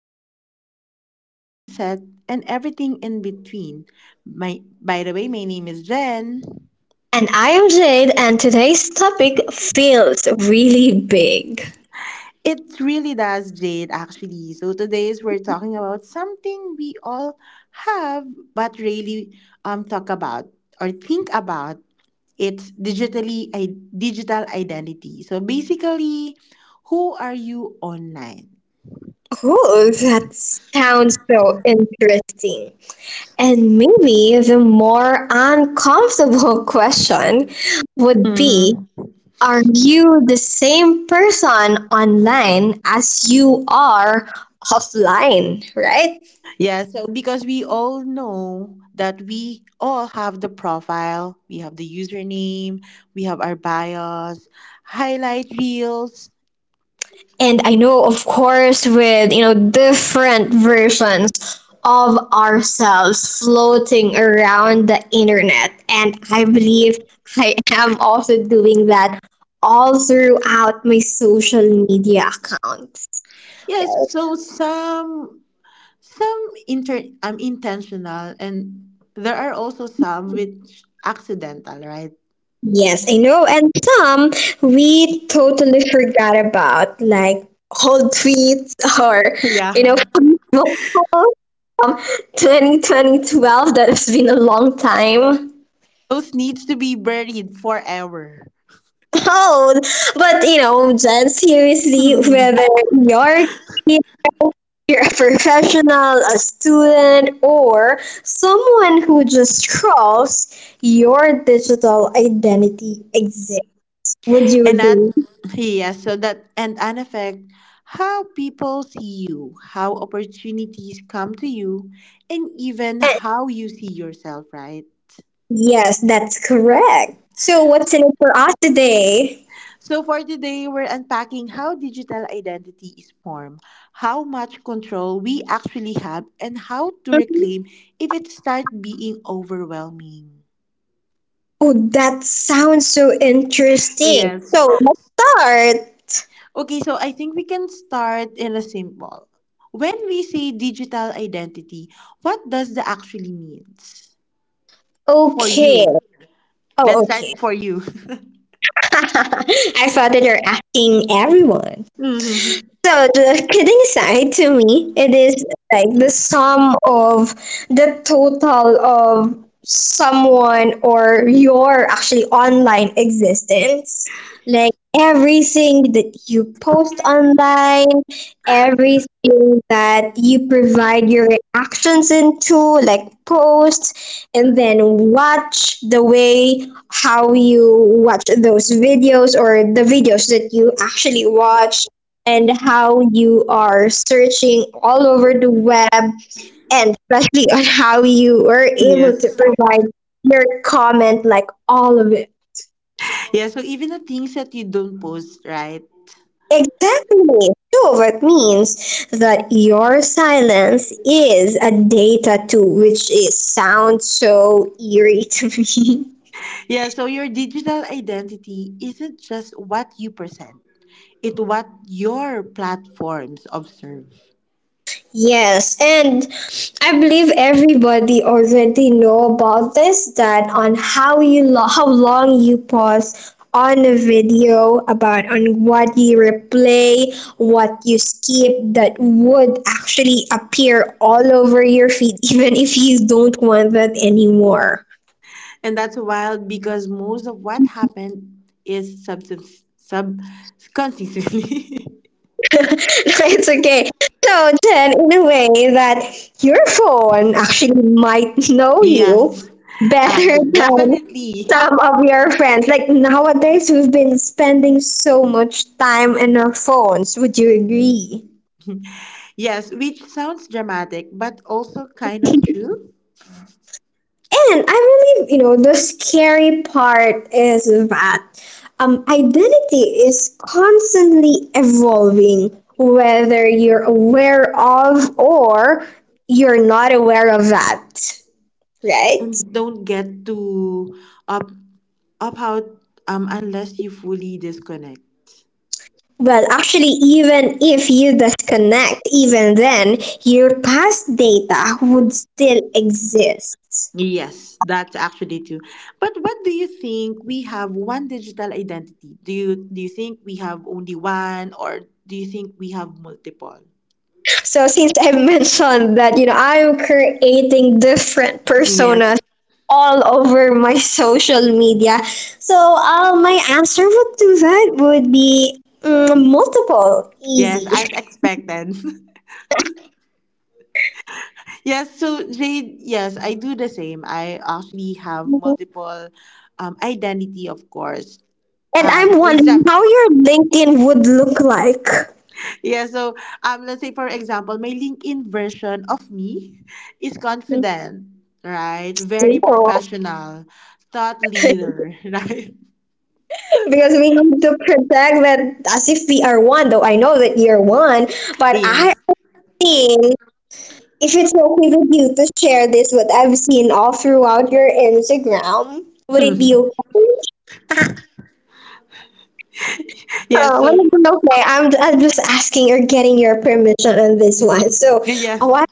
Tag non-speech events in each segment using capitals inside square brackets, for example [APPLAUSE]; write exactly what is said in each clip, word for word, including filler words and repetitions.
talk about growth, mindset, and everything in between. My, by the way, My name is Jen. And I am Jade, and today's topic feels really big. It really does, Jade, actually. So today's we're talking about something we all have but really um talk about or think about. It's digitally i- digital identity. So basically, who are you online? Oh, that sounds so interesting. And maybe the more uncomfortable [LAUGHS] question would be [LAUGHS] are you the same person online as you are offline, right? Yeah, so because we all know that we all have the profile, we have the username, we have our bios, highlight reels. And I know of course with, you know, different versions of ourselves floating around the internet, and I believe I am also doing that all throughout my social media accounts. Yes, so some some inter um, intentional and there are also some which accidental, right? Yes, I know. And some we totally forgot about, like old tweets [LAUGHS] or, [LAUGHS] you know, [LAUGHS] Yeah. Facebook posts from twenty twenty twelve. That has been a long time. [LAUGHS] Those needs to be buried forever. Oh, but you know, Jen, seriously, whether [LAUGHS] you're a kid, you're a professional, a student, or someone who just scrolls, your digital identity exists. Would you And that, agree? yeah, so that, and an effect, how people see you, how opportunities come to you, and even how you see yourself, right? Yes, that's correct. So, what's in it for us today? So for today, we're unpacking how digital identity is formed, how much control we actually have, and how to Mhm. reclaim if it starts being overwhelming. Oh, that sounds so interesting. Yes. So, let's start. Okay, so I think we can start in a simple. When we say digital identity, what does that actually means for Okay. you? Oh, Let's okay. start for you. [LAUGHS] I thought that you're asking everyone. [LAUGHS] hmm So, the kidding aside, to me, it is like the sum of the total of someone or your actually online existence. Like everything that you post online, everything that you provide your reactions into, like posts, and then watch the way how you watch those videos or the videos that you actually watch, and how you are searching all over the web, and especially on how you were able to Yes. provide your comment, like all of it. Yeah, so even the things that you don't post, right? Exactly. So that means that your silence is a data too, which is sounds so eerie to me. [LAUGHS] Yeah, so your digital identity isn't just what you present, it's what your platforms observe. Yes, and I believe everybody already know about this, that on how you lo- how long you pause on a video, about on what you replay, what you skip, that would actually appear all over your feed [LAUGHS] even if you don't want that anymore. And that's wild because most of what happened is sub, sub, sub [LAUGHS] [LAUGHS] It's okay. So then in a way that your phone actually might [LAUGHS] know you yes. better Actually, [LAUGHS] than definitely. some of your friends. Like nowadays, we've been spending so much time in our phones. Would you agree? Yes, which sounds dramatic, but also kind of true. And I believe, you know, the scary part is that um, identity is constantly evolving, whether you're aware of or you're not aware of that, right? And don't get too up up out um unless you fully disconnect. Well, actually, even if you disconnect, even then, your past data would still exist. Yes, that's actually true. But what do you think? We have one digital identity. Do you do you think we have only one, or do you think we have multiple? So since I [LAUGHS] mentioned that, you know, I'm creating different Yes, personas all over my [LAUGHS] social media. So uh, my answer would to that would be mm, multiple, yes, easy. as expected. [LAUGHS] Yes, so Jade, yes, I do the same. I actually have And multiple um, identity, of course. Um, I'm wondering exam- how your LinkedIn would look like. [LAUGHS] yeah, so um, let's say, for example, my LinkedIn version of me is [LAUGHS] confident, right? Very Oh, professional, thought leader, [LAUGHS] right? because we need to protect that as if we are one, though I know that you're one, but Yes. I think if it's okay with you to share this, what I've seen all throughout your Instagram, would it be [LAUGHS] okay? [LAUGHS] yes, Oh, well, so, it's okay. I'm, I'm just asking or getting your permission on this one. So, oh, yes, I-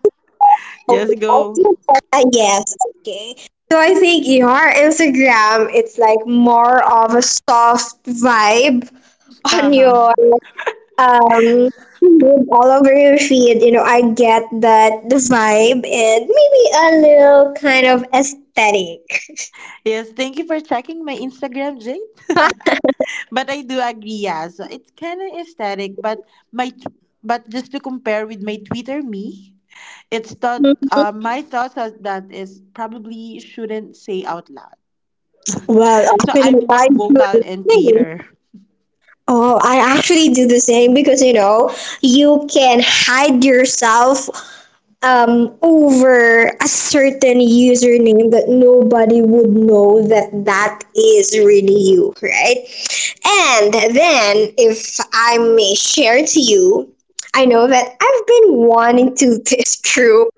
okay. yes, I go. think that- uh, yes, okay. So I think your Instagram, it's like more of a soft vibe on Uh-huh. your um all over your feed, you know, I get that the vibe, and maybe a little kind of aesthetic. Yes, thank you for checking my Instagram, Jade. But I do agree, yeah. So it's kind of aesthetic, but my t- but just to compare with my Twitter me, it's thought [LAUGHS] uh, my thoughts as that is probably shouldn't say out loud. well So I'm actually I more do the vocal in same Twitter. oh I actually do the same, because you know you can hide yourself um, over a certain username that nobody would know that that is really you, right? And then, if I may share to you, I know that I've been wanting to [LAUGHS] this group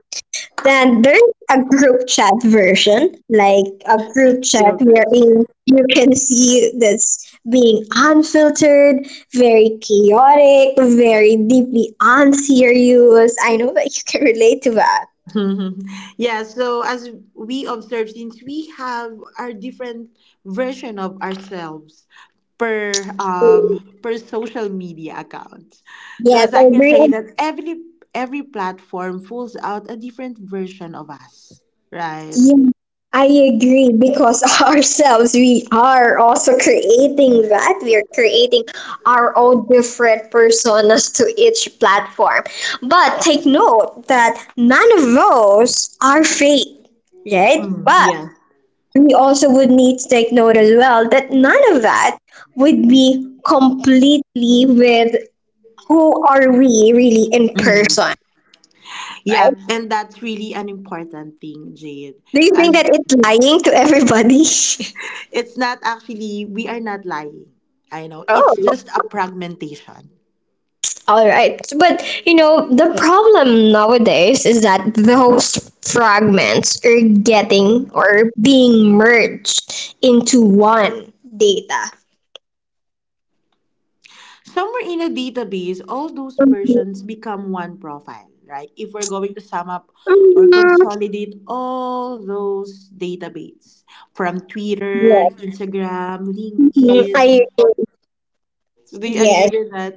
then there's a group chat version, like a group chat wherein you can see that's being unfiltered, very chaotic, very deeply unserious. I know that you can relate to that. [LAUGHS] yeah so as we observe since we have our different version of ourselves per um per social media account so Yes, as I I can agree. say that every every platform pulls out a different version of us right Yeah, I agree because [LAUGHS] ourselves, we are also creating that. We are creating our own different personas to each platform. But take note that none of those are fake, right? Mm, But yeah we also would need to take note as well that none of that would be completely with who are we really in Mm. person, yeah right? and that's really an important thing jade Do you think that as it's lying to everybody? [LAUGHS] it's not actually we are not lying I know it's Oh. just a fragmentation All right, but you know, the problem nowadays is that those fragments are getting or being merged into one data. somewhere in a database, all those Mhm. versions become one profile, right? If we're going to sum up or consolidate all those database from Yeah. Twitter, Instagram, Mhm. I LinkedIn. So do you agree yes. with that?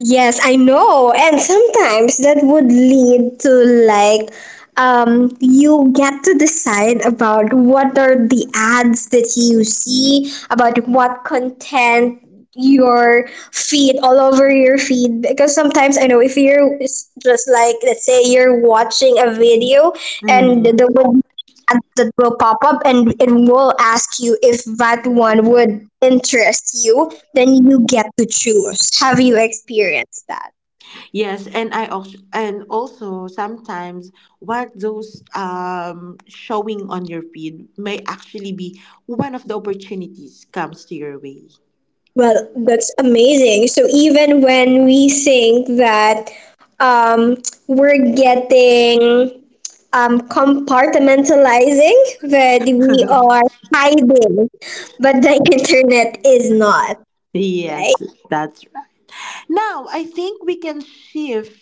Yes, I know. And sometimes that would lead to like um you get to decide about what are the ads that you see, about what content your feed all over your feed, because sometimes I know if you're s- just like let's say you're watching a video, and the Mhm. would ads that will pop up, and it will ask you if that one would interest you, then you get to choose. Have you experienced that? Yes, and I also and also sometimes what those um showing on your feed may actually be one of the opportunities comes to your way. Well, that's amazing. So even when we think that um, we're getting um, compartmentalizing, that we are [LAUGHS] hiding, but the [LAUGHS] internet is not, right? Yes, that's Now, I think we can shift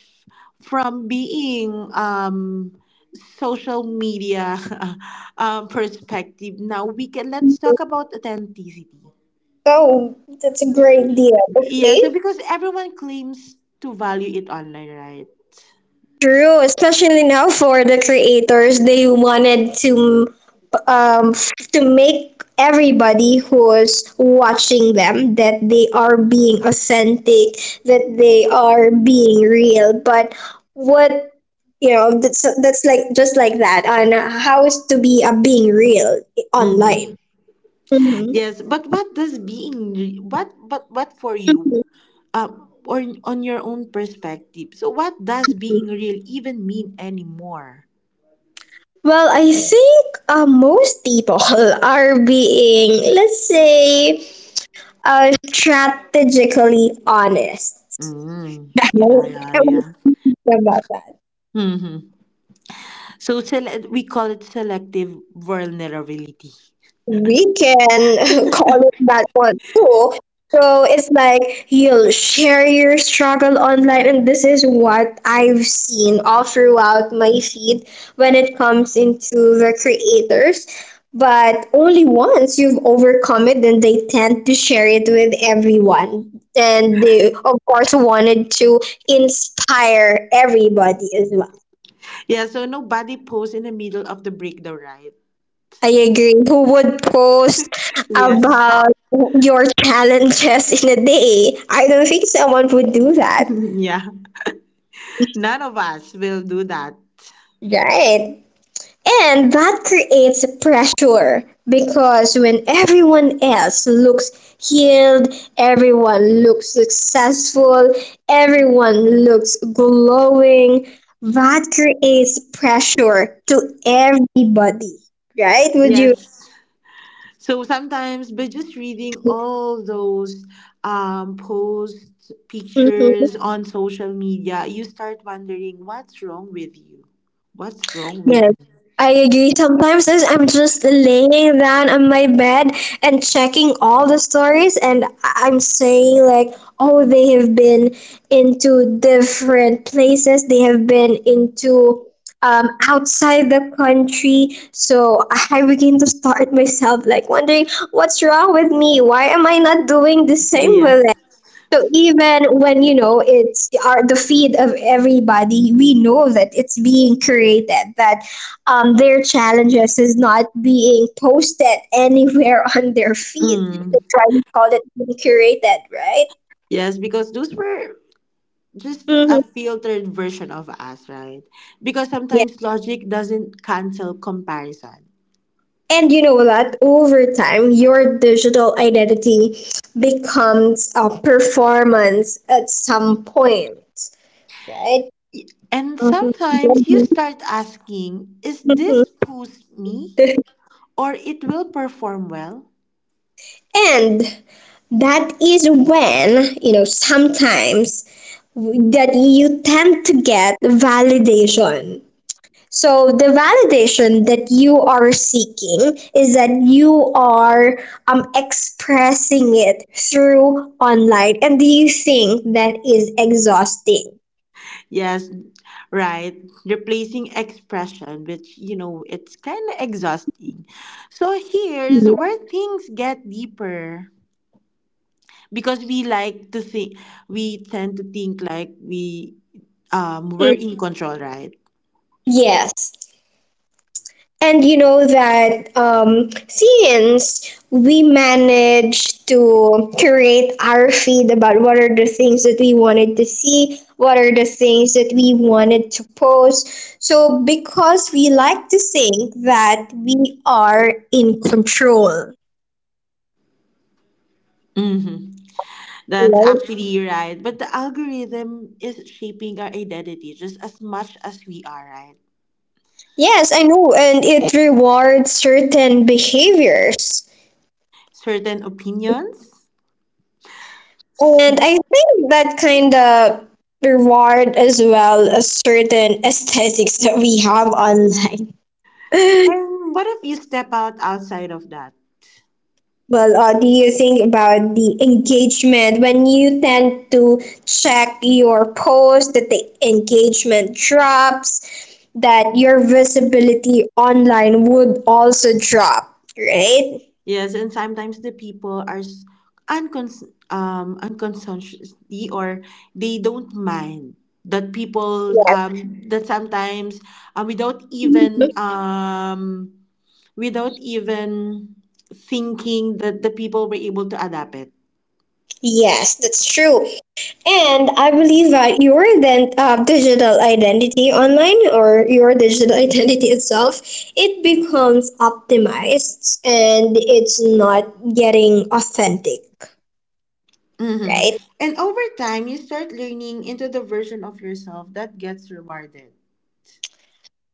from being um, social media [LAUGHS] um, perspective. Now we can let's talk about authenticity. Oh, that's a great deal. Yeah, so Okay. because everyone claims to value it online, right? True, especially now for the creators, they wanted to um to make everybody who's watching them that they are being authentic, that they are being real. But what, you know, that's that's like just like that on how is to be a being real hmm online. Mhm. Yes, but what does being re- what but what for you? Um, or on your own perspective. So what does being real even mean anymore? Well, I think uh, most people [LAUGHS] are being, let's say, are strategically honest. Mm, yeah, No, yeah, I won't yeah. talk about that. Mm-hmm. So sele- we call it selective vulnerability. We can [LAUGHS] call it that one too. So it's like you'll share your struggle online, and this is what I've seen all throughout my feed when it comes into the creators. But only once you've overcome it, then they tend to share it with everyone. And they, of course, wanted to inspire everybody as well. Yeah, so nobody posts in the middle of the breakdown, right? I agree. Who would post Yes. about your challenges in a day? I don't think someone would do that. [LAUGHS] yeah. None of us will do that. Right. And that creates pressure, because when everyone else looks healed, everyone looks successful, everyone looks glowing, that creates pressure to everybody. Right? Would you? Yes. So sometimes by just reading all those um, posts, Mm-hmm. pictures on social media, you start wondering what's wrong with you? What's wrong with Yes, me? I agree. Sometimes is- I'm just laying down on my bed and checking all the stories, and I- I'm saying, like, oh, they have been into different places, they have been into um, outside the country. So I begin to start [LAUGHS] myself, like, wondering what's wrong with me? Why am I not doing the same with Yes. so even when you know it's our the feed of everybody, we know that it's being created. That um, their challenges is not being posted anywhere [LAUGHS] on their feed. Mm. That's why we call it being curated, right? Yes, because those were just a Hmm. filtered version of us, right? Because Yeah. sometimes logic doesn't cancel comparison. And you know that over time, your digital identity becomes a performance at some point, right? And Mhm. sometimes you start asking, is Mhm. this who's me? [LAUGHS] Or it will perform well? And that is when you know sometimes that you tend to get validation, so the validation that you are seeking is that you are um, expressing it through online, and do you think that is exhausting? Yes, right. Replacing expression, which, you know, it's kind of exhausting. So here's Mm-hmm. where things get deeper because we like to think, we tend to think like we um, we're in control, right? Yes. And you know that um, since we managed to curate our feed about what are the things that we wanted to see, what are the things that we wanted to post. So, because we like to think that we are in control, Mhm. That's right? actually right. But the algorithm is shaping our identity just as much as we are, right? Yes, I know, and it rewards certain behaviors. Certain opinions. And I think that kind of reward, as well as certain aesthetics that we have online. [LAUGHS] And what if you step out outside of that? Well, uh, do you think about the engagement when you tend to check your post that the engagement drops, that your visibility online would also drop, right? Yes, and sometimes the people are s- uncons- um, unconsciously or they don't mind that people um, that sometimes uh, without even um, without even thinking that the people were able to adapt it Yes, that's true. And I believe that your then uh, digital identity online or your digital [LAUGHS] identity itself, it becomes optimized and it's not getting authentic, hmm right? And over time, you start learning into the version of yourself that gets rewarded.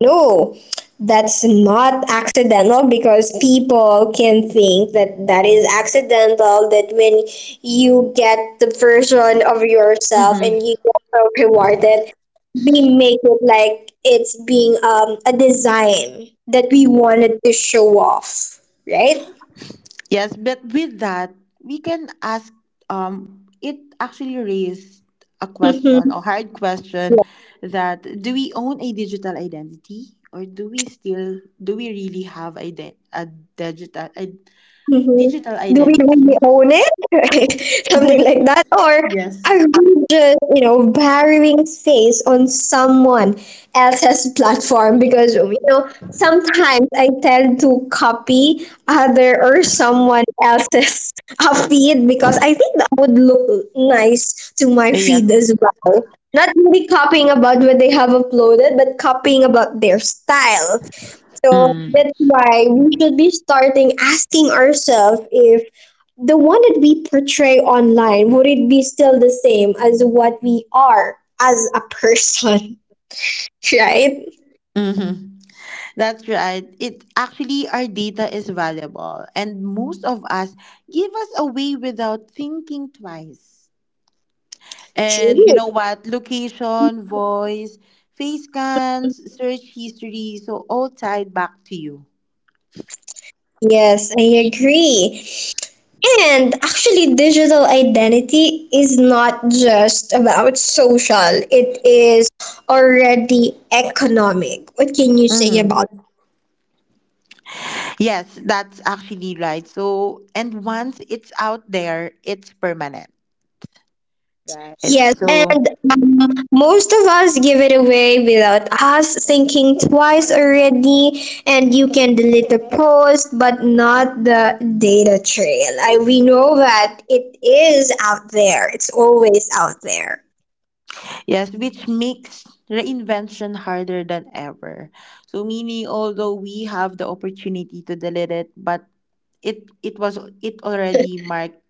No, that's not accidental, because people can think that that is accidental. That when you get the version of yourself and you hmm get so rewarded, we make it like it's being um, a design that we wanted to show off, right? Yes, but with that, we can ask. Um, it actually raised a question, a [LAUGHS] hard question, that do we own a digital identity, or do we still do we really have a, de- a digital a Mhm. digital Do we identity? really own it? [LAUGHS] Something like that. Or Yes. are we just, you know, borrowing space on someone else's platform? Because, you know, sometimes I tend to copy other or someone else's [LAUGHS] uh, feed, because I think that would look nice to my Yes. feed as well. Not really copying about what they have uploaded, but copying about their style. So Mm. that's why we should be starting asking ourselves if the one that we portray online, would it be still the same as what we are as a person, [LAUGHS] right? hmm That's right. It actually our data is valuable and most of us give us away without thinking twice. And you True. know what? Location, voice, face scans, search history, so all tied back to you. Yes, I agree. And actually, digital identity is not just about social, it is already economic. What can you say Mhm. about? Yes, that's actually right. So, and once it's out there, it's permanent. Right. Yes, So, and um, most of us give it away without us thinking twice already, and you can delete the post but not the data trail. I, we know that it is out there, it's always out there. Yes, which makes reinvention harder than ever. So meaning although we have the opportunity to delete it, but it it was it already marked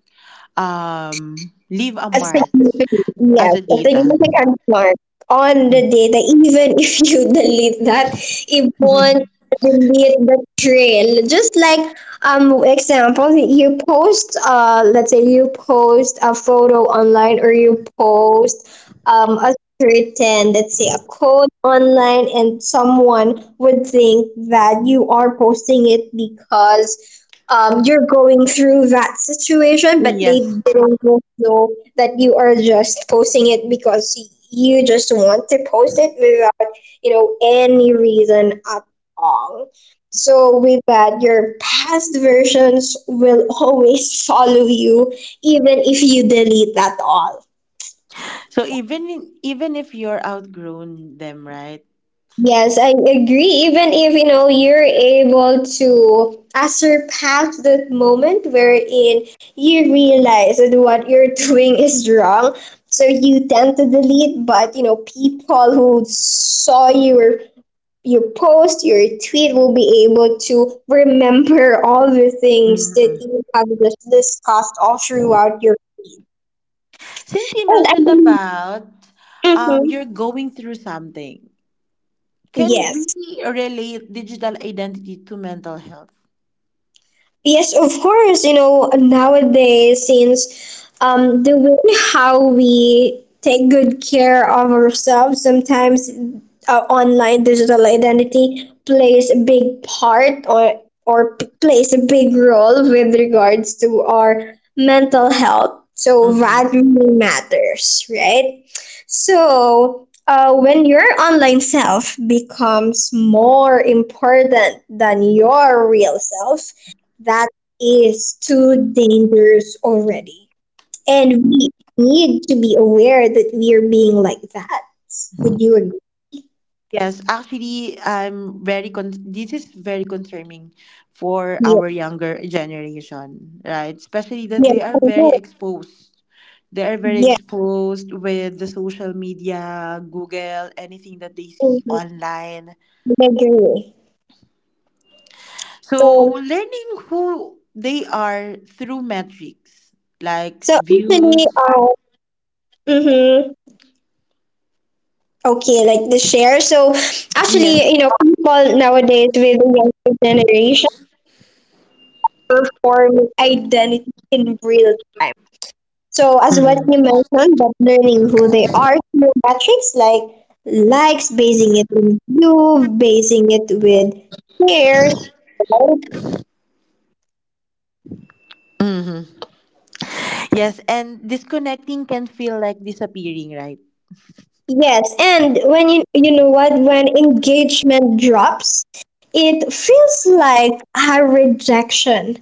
um leave a A mark significant, as yes, a a data. significant mark on the [LAUGHS] data, even [LAUGHS] if you delete that, it won't delete the trail. Just like um example, you post uh let's say you post a photo online, or you post um a certain, let's say, a code online, and someone would think that you are posting it because um, you're going through that situation, but they Yes. didn't know that you are just posting it because you just want to post it without, you know, any reason at all. So with that, your past versions will [LAUGHS] always follow you, even if you delete that all. So even in- even if you're outgrown them, right? Yes, I agree. Even if you know you're able to uh, surpass that moment wherein you realize that what you're [LAUGHS] doing is wrong, so you tend to delete. But you know, people who saw your your post, your tweet will be able to remember [LAUGHS] all the things that Mm-mm. you have just discussed all throughout your feed. Since we Oh, I mentioned believe. about um you're Mhm. going through something, can we Yes. relate digital identity to mental health? Yes, of course. You know, nowadays, since um, the way how we take good care of ourselves, sometimes our online digital identity plays a big part, or or p- plays a big role with regards to our mental health. So Mm-hmm. that really matters, right? So, uh, when your online self becomes more important than your real self, that is too dangerous already. And we need to be aware that we are being like that. Would you agree? Yes, actually, I'm very con. This is very concerning for Yeah. our younger generation, right? Especially that Yeah, they are I very know. exposed. They are very Yeah. exposed with the social media, Google, anything that they see Mhm. online. I agree. So So, learning who they are through metrics like so actually, views. uh, mm-hmm, okay, like the share. So, Yes. actually, you know, people nowadays with the younger generation perform identity in real time. So as what Mm-hmm. you mentioned, that learning who they are through metrics like likes, basing it on view, basing it with shares, right? hmm Yes, and disconnecting can feel like disappearing, right? Yes, and when you you know what when engagement drops, it feels like a rejection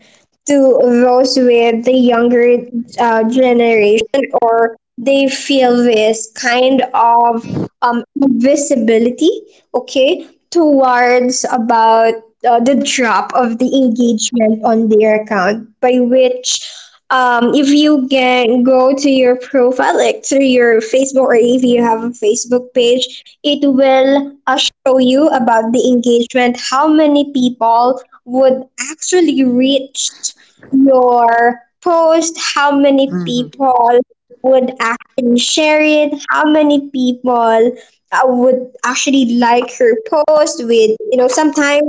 to those with the younger uh, generation, or they feel this kind of um invisibility, okay, towards about uh, the drop of the engagement on their account, by which um, if you can go to your profile, like through your Facebook, or if you have a Facebook page, it will uh, show you about the engagement: how many people would actually reach your post, how many Mm-hmm. people would actually share it, how many people uh, would actually like your post. With, you know, sometimes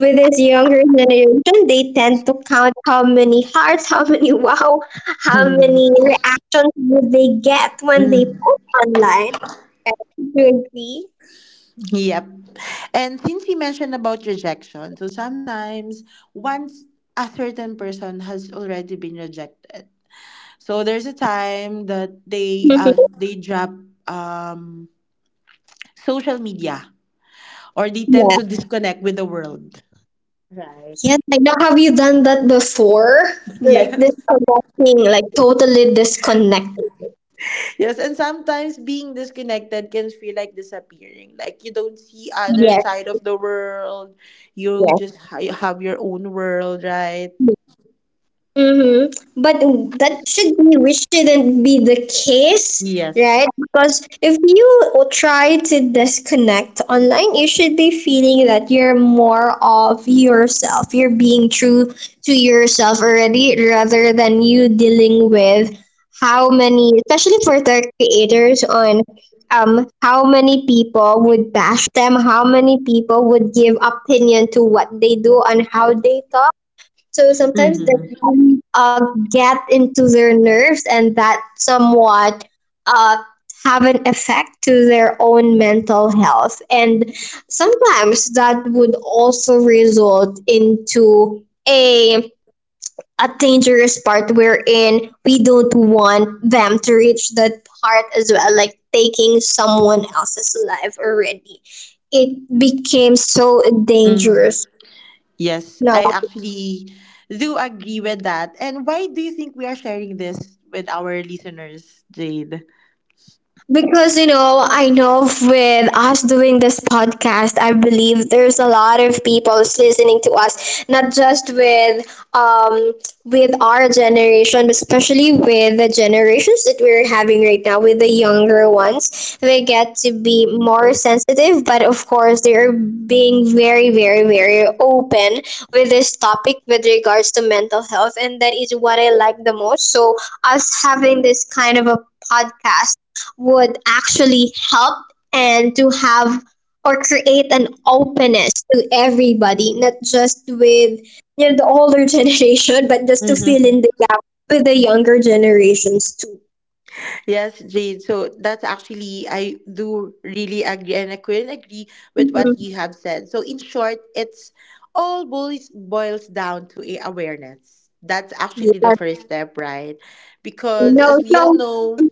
with this younger generation, they tend to count how many hearts, [LAUGHS] how many wow, how Mm-hmm. many reactions do they get when they post [LAUGHS] online. Do you agree? Yep. And since we mentioned about rejection, so sometimes once a certain person has already been rejected, so there's a time that they uh, Mhm. they drop um, social media or they tend Yeah. to Right. disconnect with the world. Right. Yeah. Like, now, have you done that before? Like Yes. [LAUGHS] disconnecting, like totally disconnected. Yes, and sometimes being disconnected can feel like disappearing. Like you don't see other Yes. side of the world. You Yes. just ha- you have your own world, right? Mm-hmm. But that should be, which shouldn't be the case, Yes. right? Because if you try to disconnect online, you should be feeling that you're more of yourself. You're being true to yourself already, rather than you dealing with how many, especially for the creators on um how many people would bash them, how many people would give opinion to what they do and how they talk. So sometimes that Mm-hmm. really, uh, get into their nerves, and that somewhat uh, have an effect to their own mental health. And sometimes that would also result into a a dangerous part wherein we don't want them to reach that part as well, like taking someone else's life already. It became so Mm-hmm. dangerous Yes, now. I actually do agree with that. And why do you think we are sharing this with our listeners, Jade? Because, you know, I know with us doing this podcast, I believe there's a lot of people listening to us, not just with um with our generation, but especially with the generations that we're having right now, with the younger ones. They get to be more sensitive, but of course they are being very, very, very open with this topic with regards to mental health, and that is what I like the most. So us having this kind of a podcast would actually help, and to have or create an openness to everybody, not just with, you know, the older [LAUGHS] generation, but just to fill Hmm. in the gap with the younger generations too. Yes, Jade. So that's actually, I do really agree, and I couldn't agree with what Mhm. you have said. So, in short, it's all boils, boils down to a awareness. That's Yeah. actually the first step, right? Because No, as we all so know, [LAUGHS]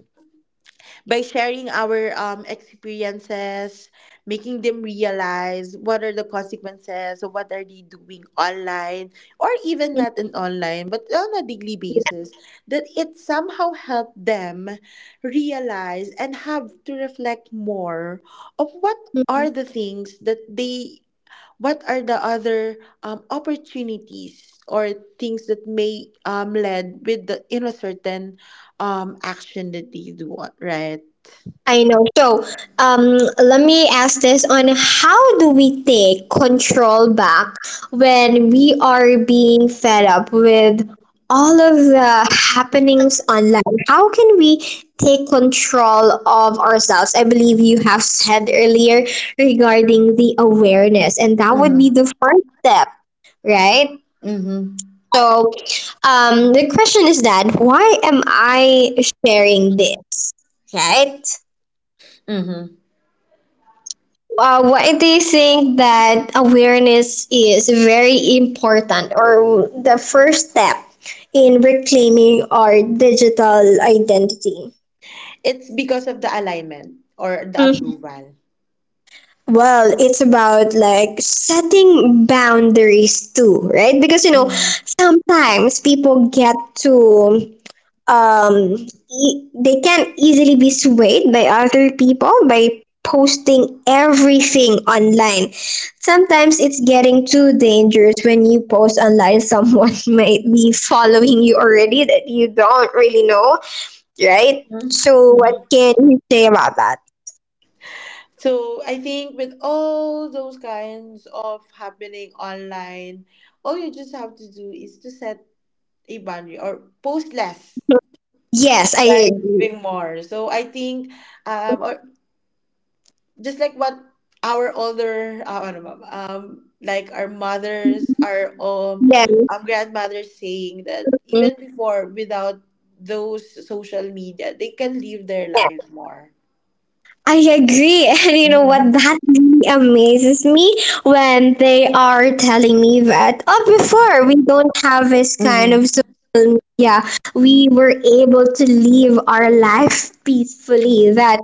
by sharing our um, experiences, making them realize what are the consequences of what are they doing online or even not in online, but on a daily basis, that it somehow helped them realize and have to reflect more of what mm-hmm. are the things that they what are the other um, opportunities or things that may um, lead with the in a certain um action that they do right I know. So, um, let me ask this: on how do we take control back when we are being fed up with all of the happenings online? How can we take control of ourselves? I believe you have said earlier regarding the awareness, and that would be Mm-hmm. the first step, right? Mm-hmm. So, um, the question is that why am I sharing this, right? Mm-hmm. Uh, why do you think that awareness is very important, or the first step in reclaiming our digital identity? It's because of the alignment or the Mhm. approval. Well, it's about like setting boundaries too, right? Because you know, Mm-hmm. sometimes people get to um, e- they can easily be swayed by other people by posting everything online. Sometimes it's getting too dangerous when you post online, someone [LAUGHS] might be following you already that you don't really know, right? So, what Mm-hmm. can you say about that? So I think with all those kinds of happening online, all you just have to do is to set a boundary or post less. [LAUGHS] Yes, I Right, agree. giving more. So I think, um, or just like what our older uh, ano ba, um like our mothers our um Yeah. um grandmothers saying that Yeah, even before without those social media they can live their life more I agree. [LAUGHS] And you know what? Mm-hmm. That really amazes me when they are telling me that, oh, before we don't have this kind Mm-hmm. of, so yeah, we were able to live our life peacefully. That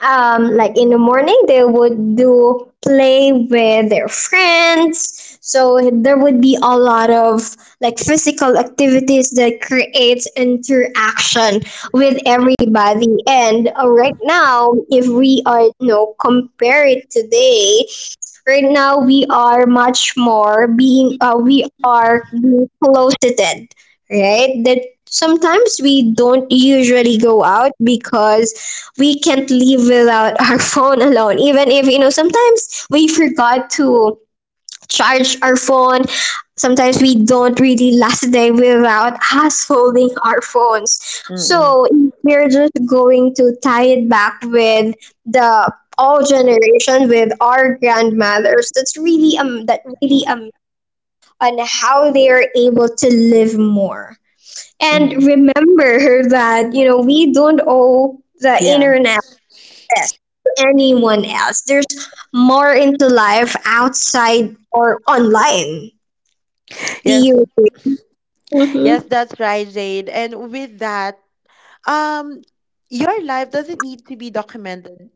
um, like in the morning they would do play with their friends, so there would be a lot of like physical activities that creates interaction with everybody. And uh, right now, if we are, you know, compare it today, right now, we are much more being, uh, we are being closeted, right? That sometimes we don't usually go out because we can't live without [LAUGHS] our phone alone. Even if, you know, sometimes we forgot to charge our phone. Sometimes we don't really last a day without us holding our phones. Mm-hmm. So we're just going to tie it back with the all generation with our grandmothers. That's really um that really um on how they are able to live more. And Mm-hmm. remember [LAUGHS] that, you know, we don't owe the Yeah. internet this to anyone else. There's more into life outside or online. The yes yes Mm-hmm. that's right jade and with that um your life doesn't need to be documented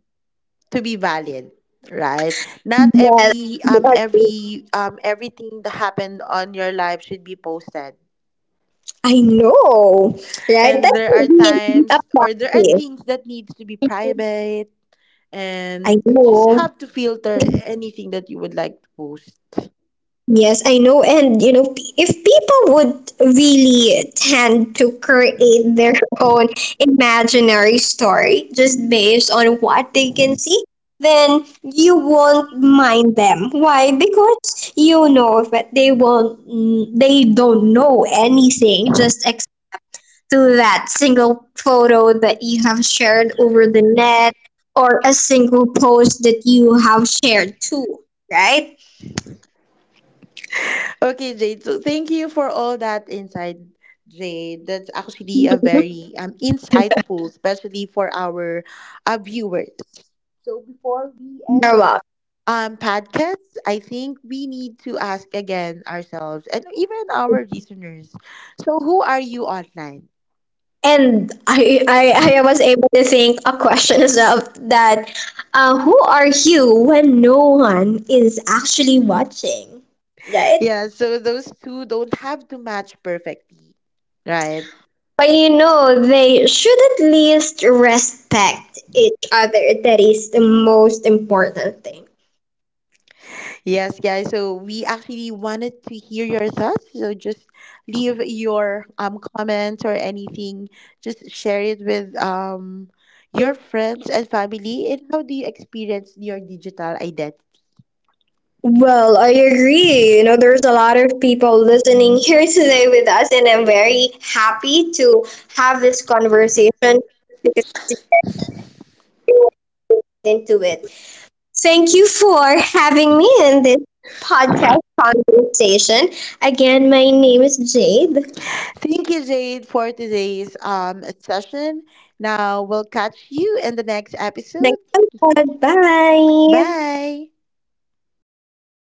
to be valid right not Well, every um every um everything that happened on your life should be posted I know, right? and That's there are really a times or there are practice. things that needs to be private I and you just know. have to filter anything that you would like to post Yes, I know. And you know, p- if people would really tend to create their own imaginary story just based on what they can see, then you won't mind them. Why? Because you know that they won't, mm, they don't know anything, just to that single photo that you have shared over the net, or a single post that you have shared too, right? okay jade so thank you for all that insight jade that's actually a You're very um insightful especially for our uh, viewers so before we end welcome. um podcasts. I think we need to ask again ourselves and even our listeners so who are you online And I, I, I was able to think a question is up, that uh, who are you when no one is actually watching, right? yeah so those two don't have to match perfectly right But you know, they should at least respect each other. That is the most important thing. yes guys so we actually wanted to hear your thoughts so just leave your um comments or anything just share it with um your friends and family and how do you experience your digital identity Well, I agree. You know, there's a lot of people listening [LAUGHS] here today with us, and I'm very happy to have this conversation because it's important into it. Thank you for having me in this podcast conversation. Again, my name is Jade. Thank you, Jade, for today's um, session. Now, we'll catch you in the next episode. Thanks a Bye. Bye.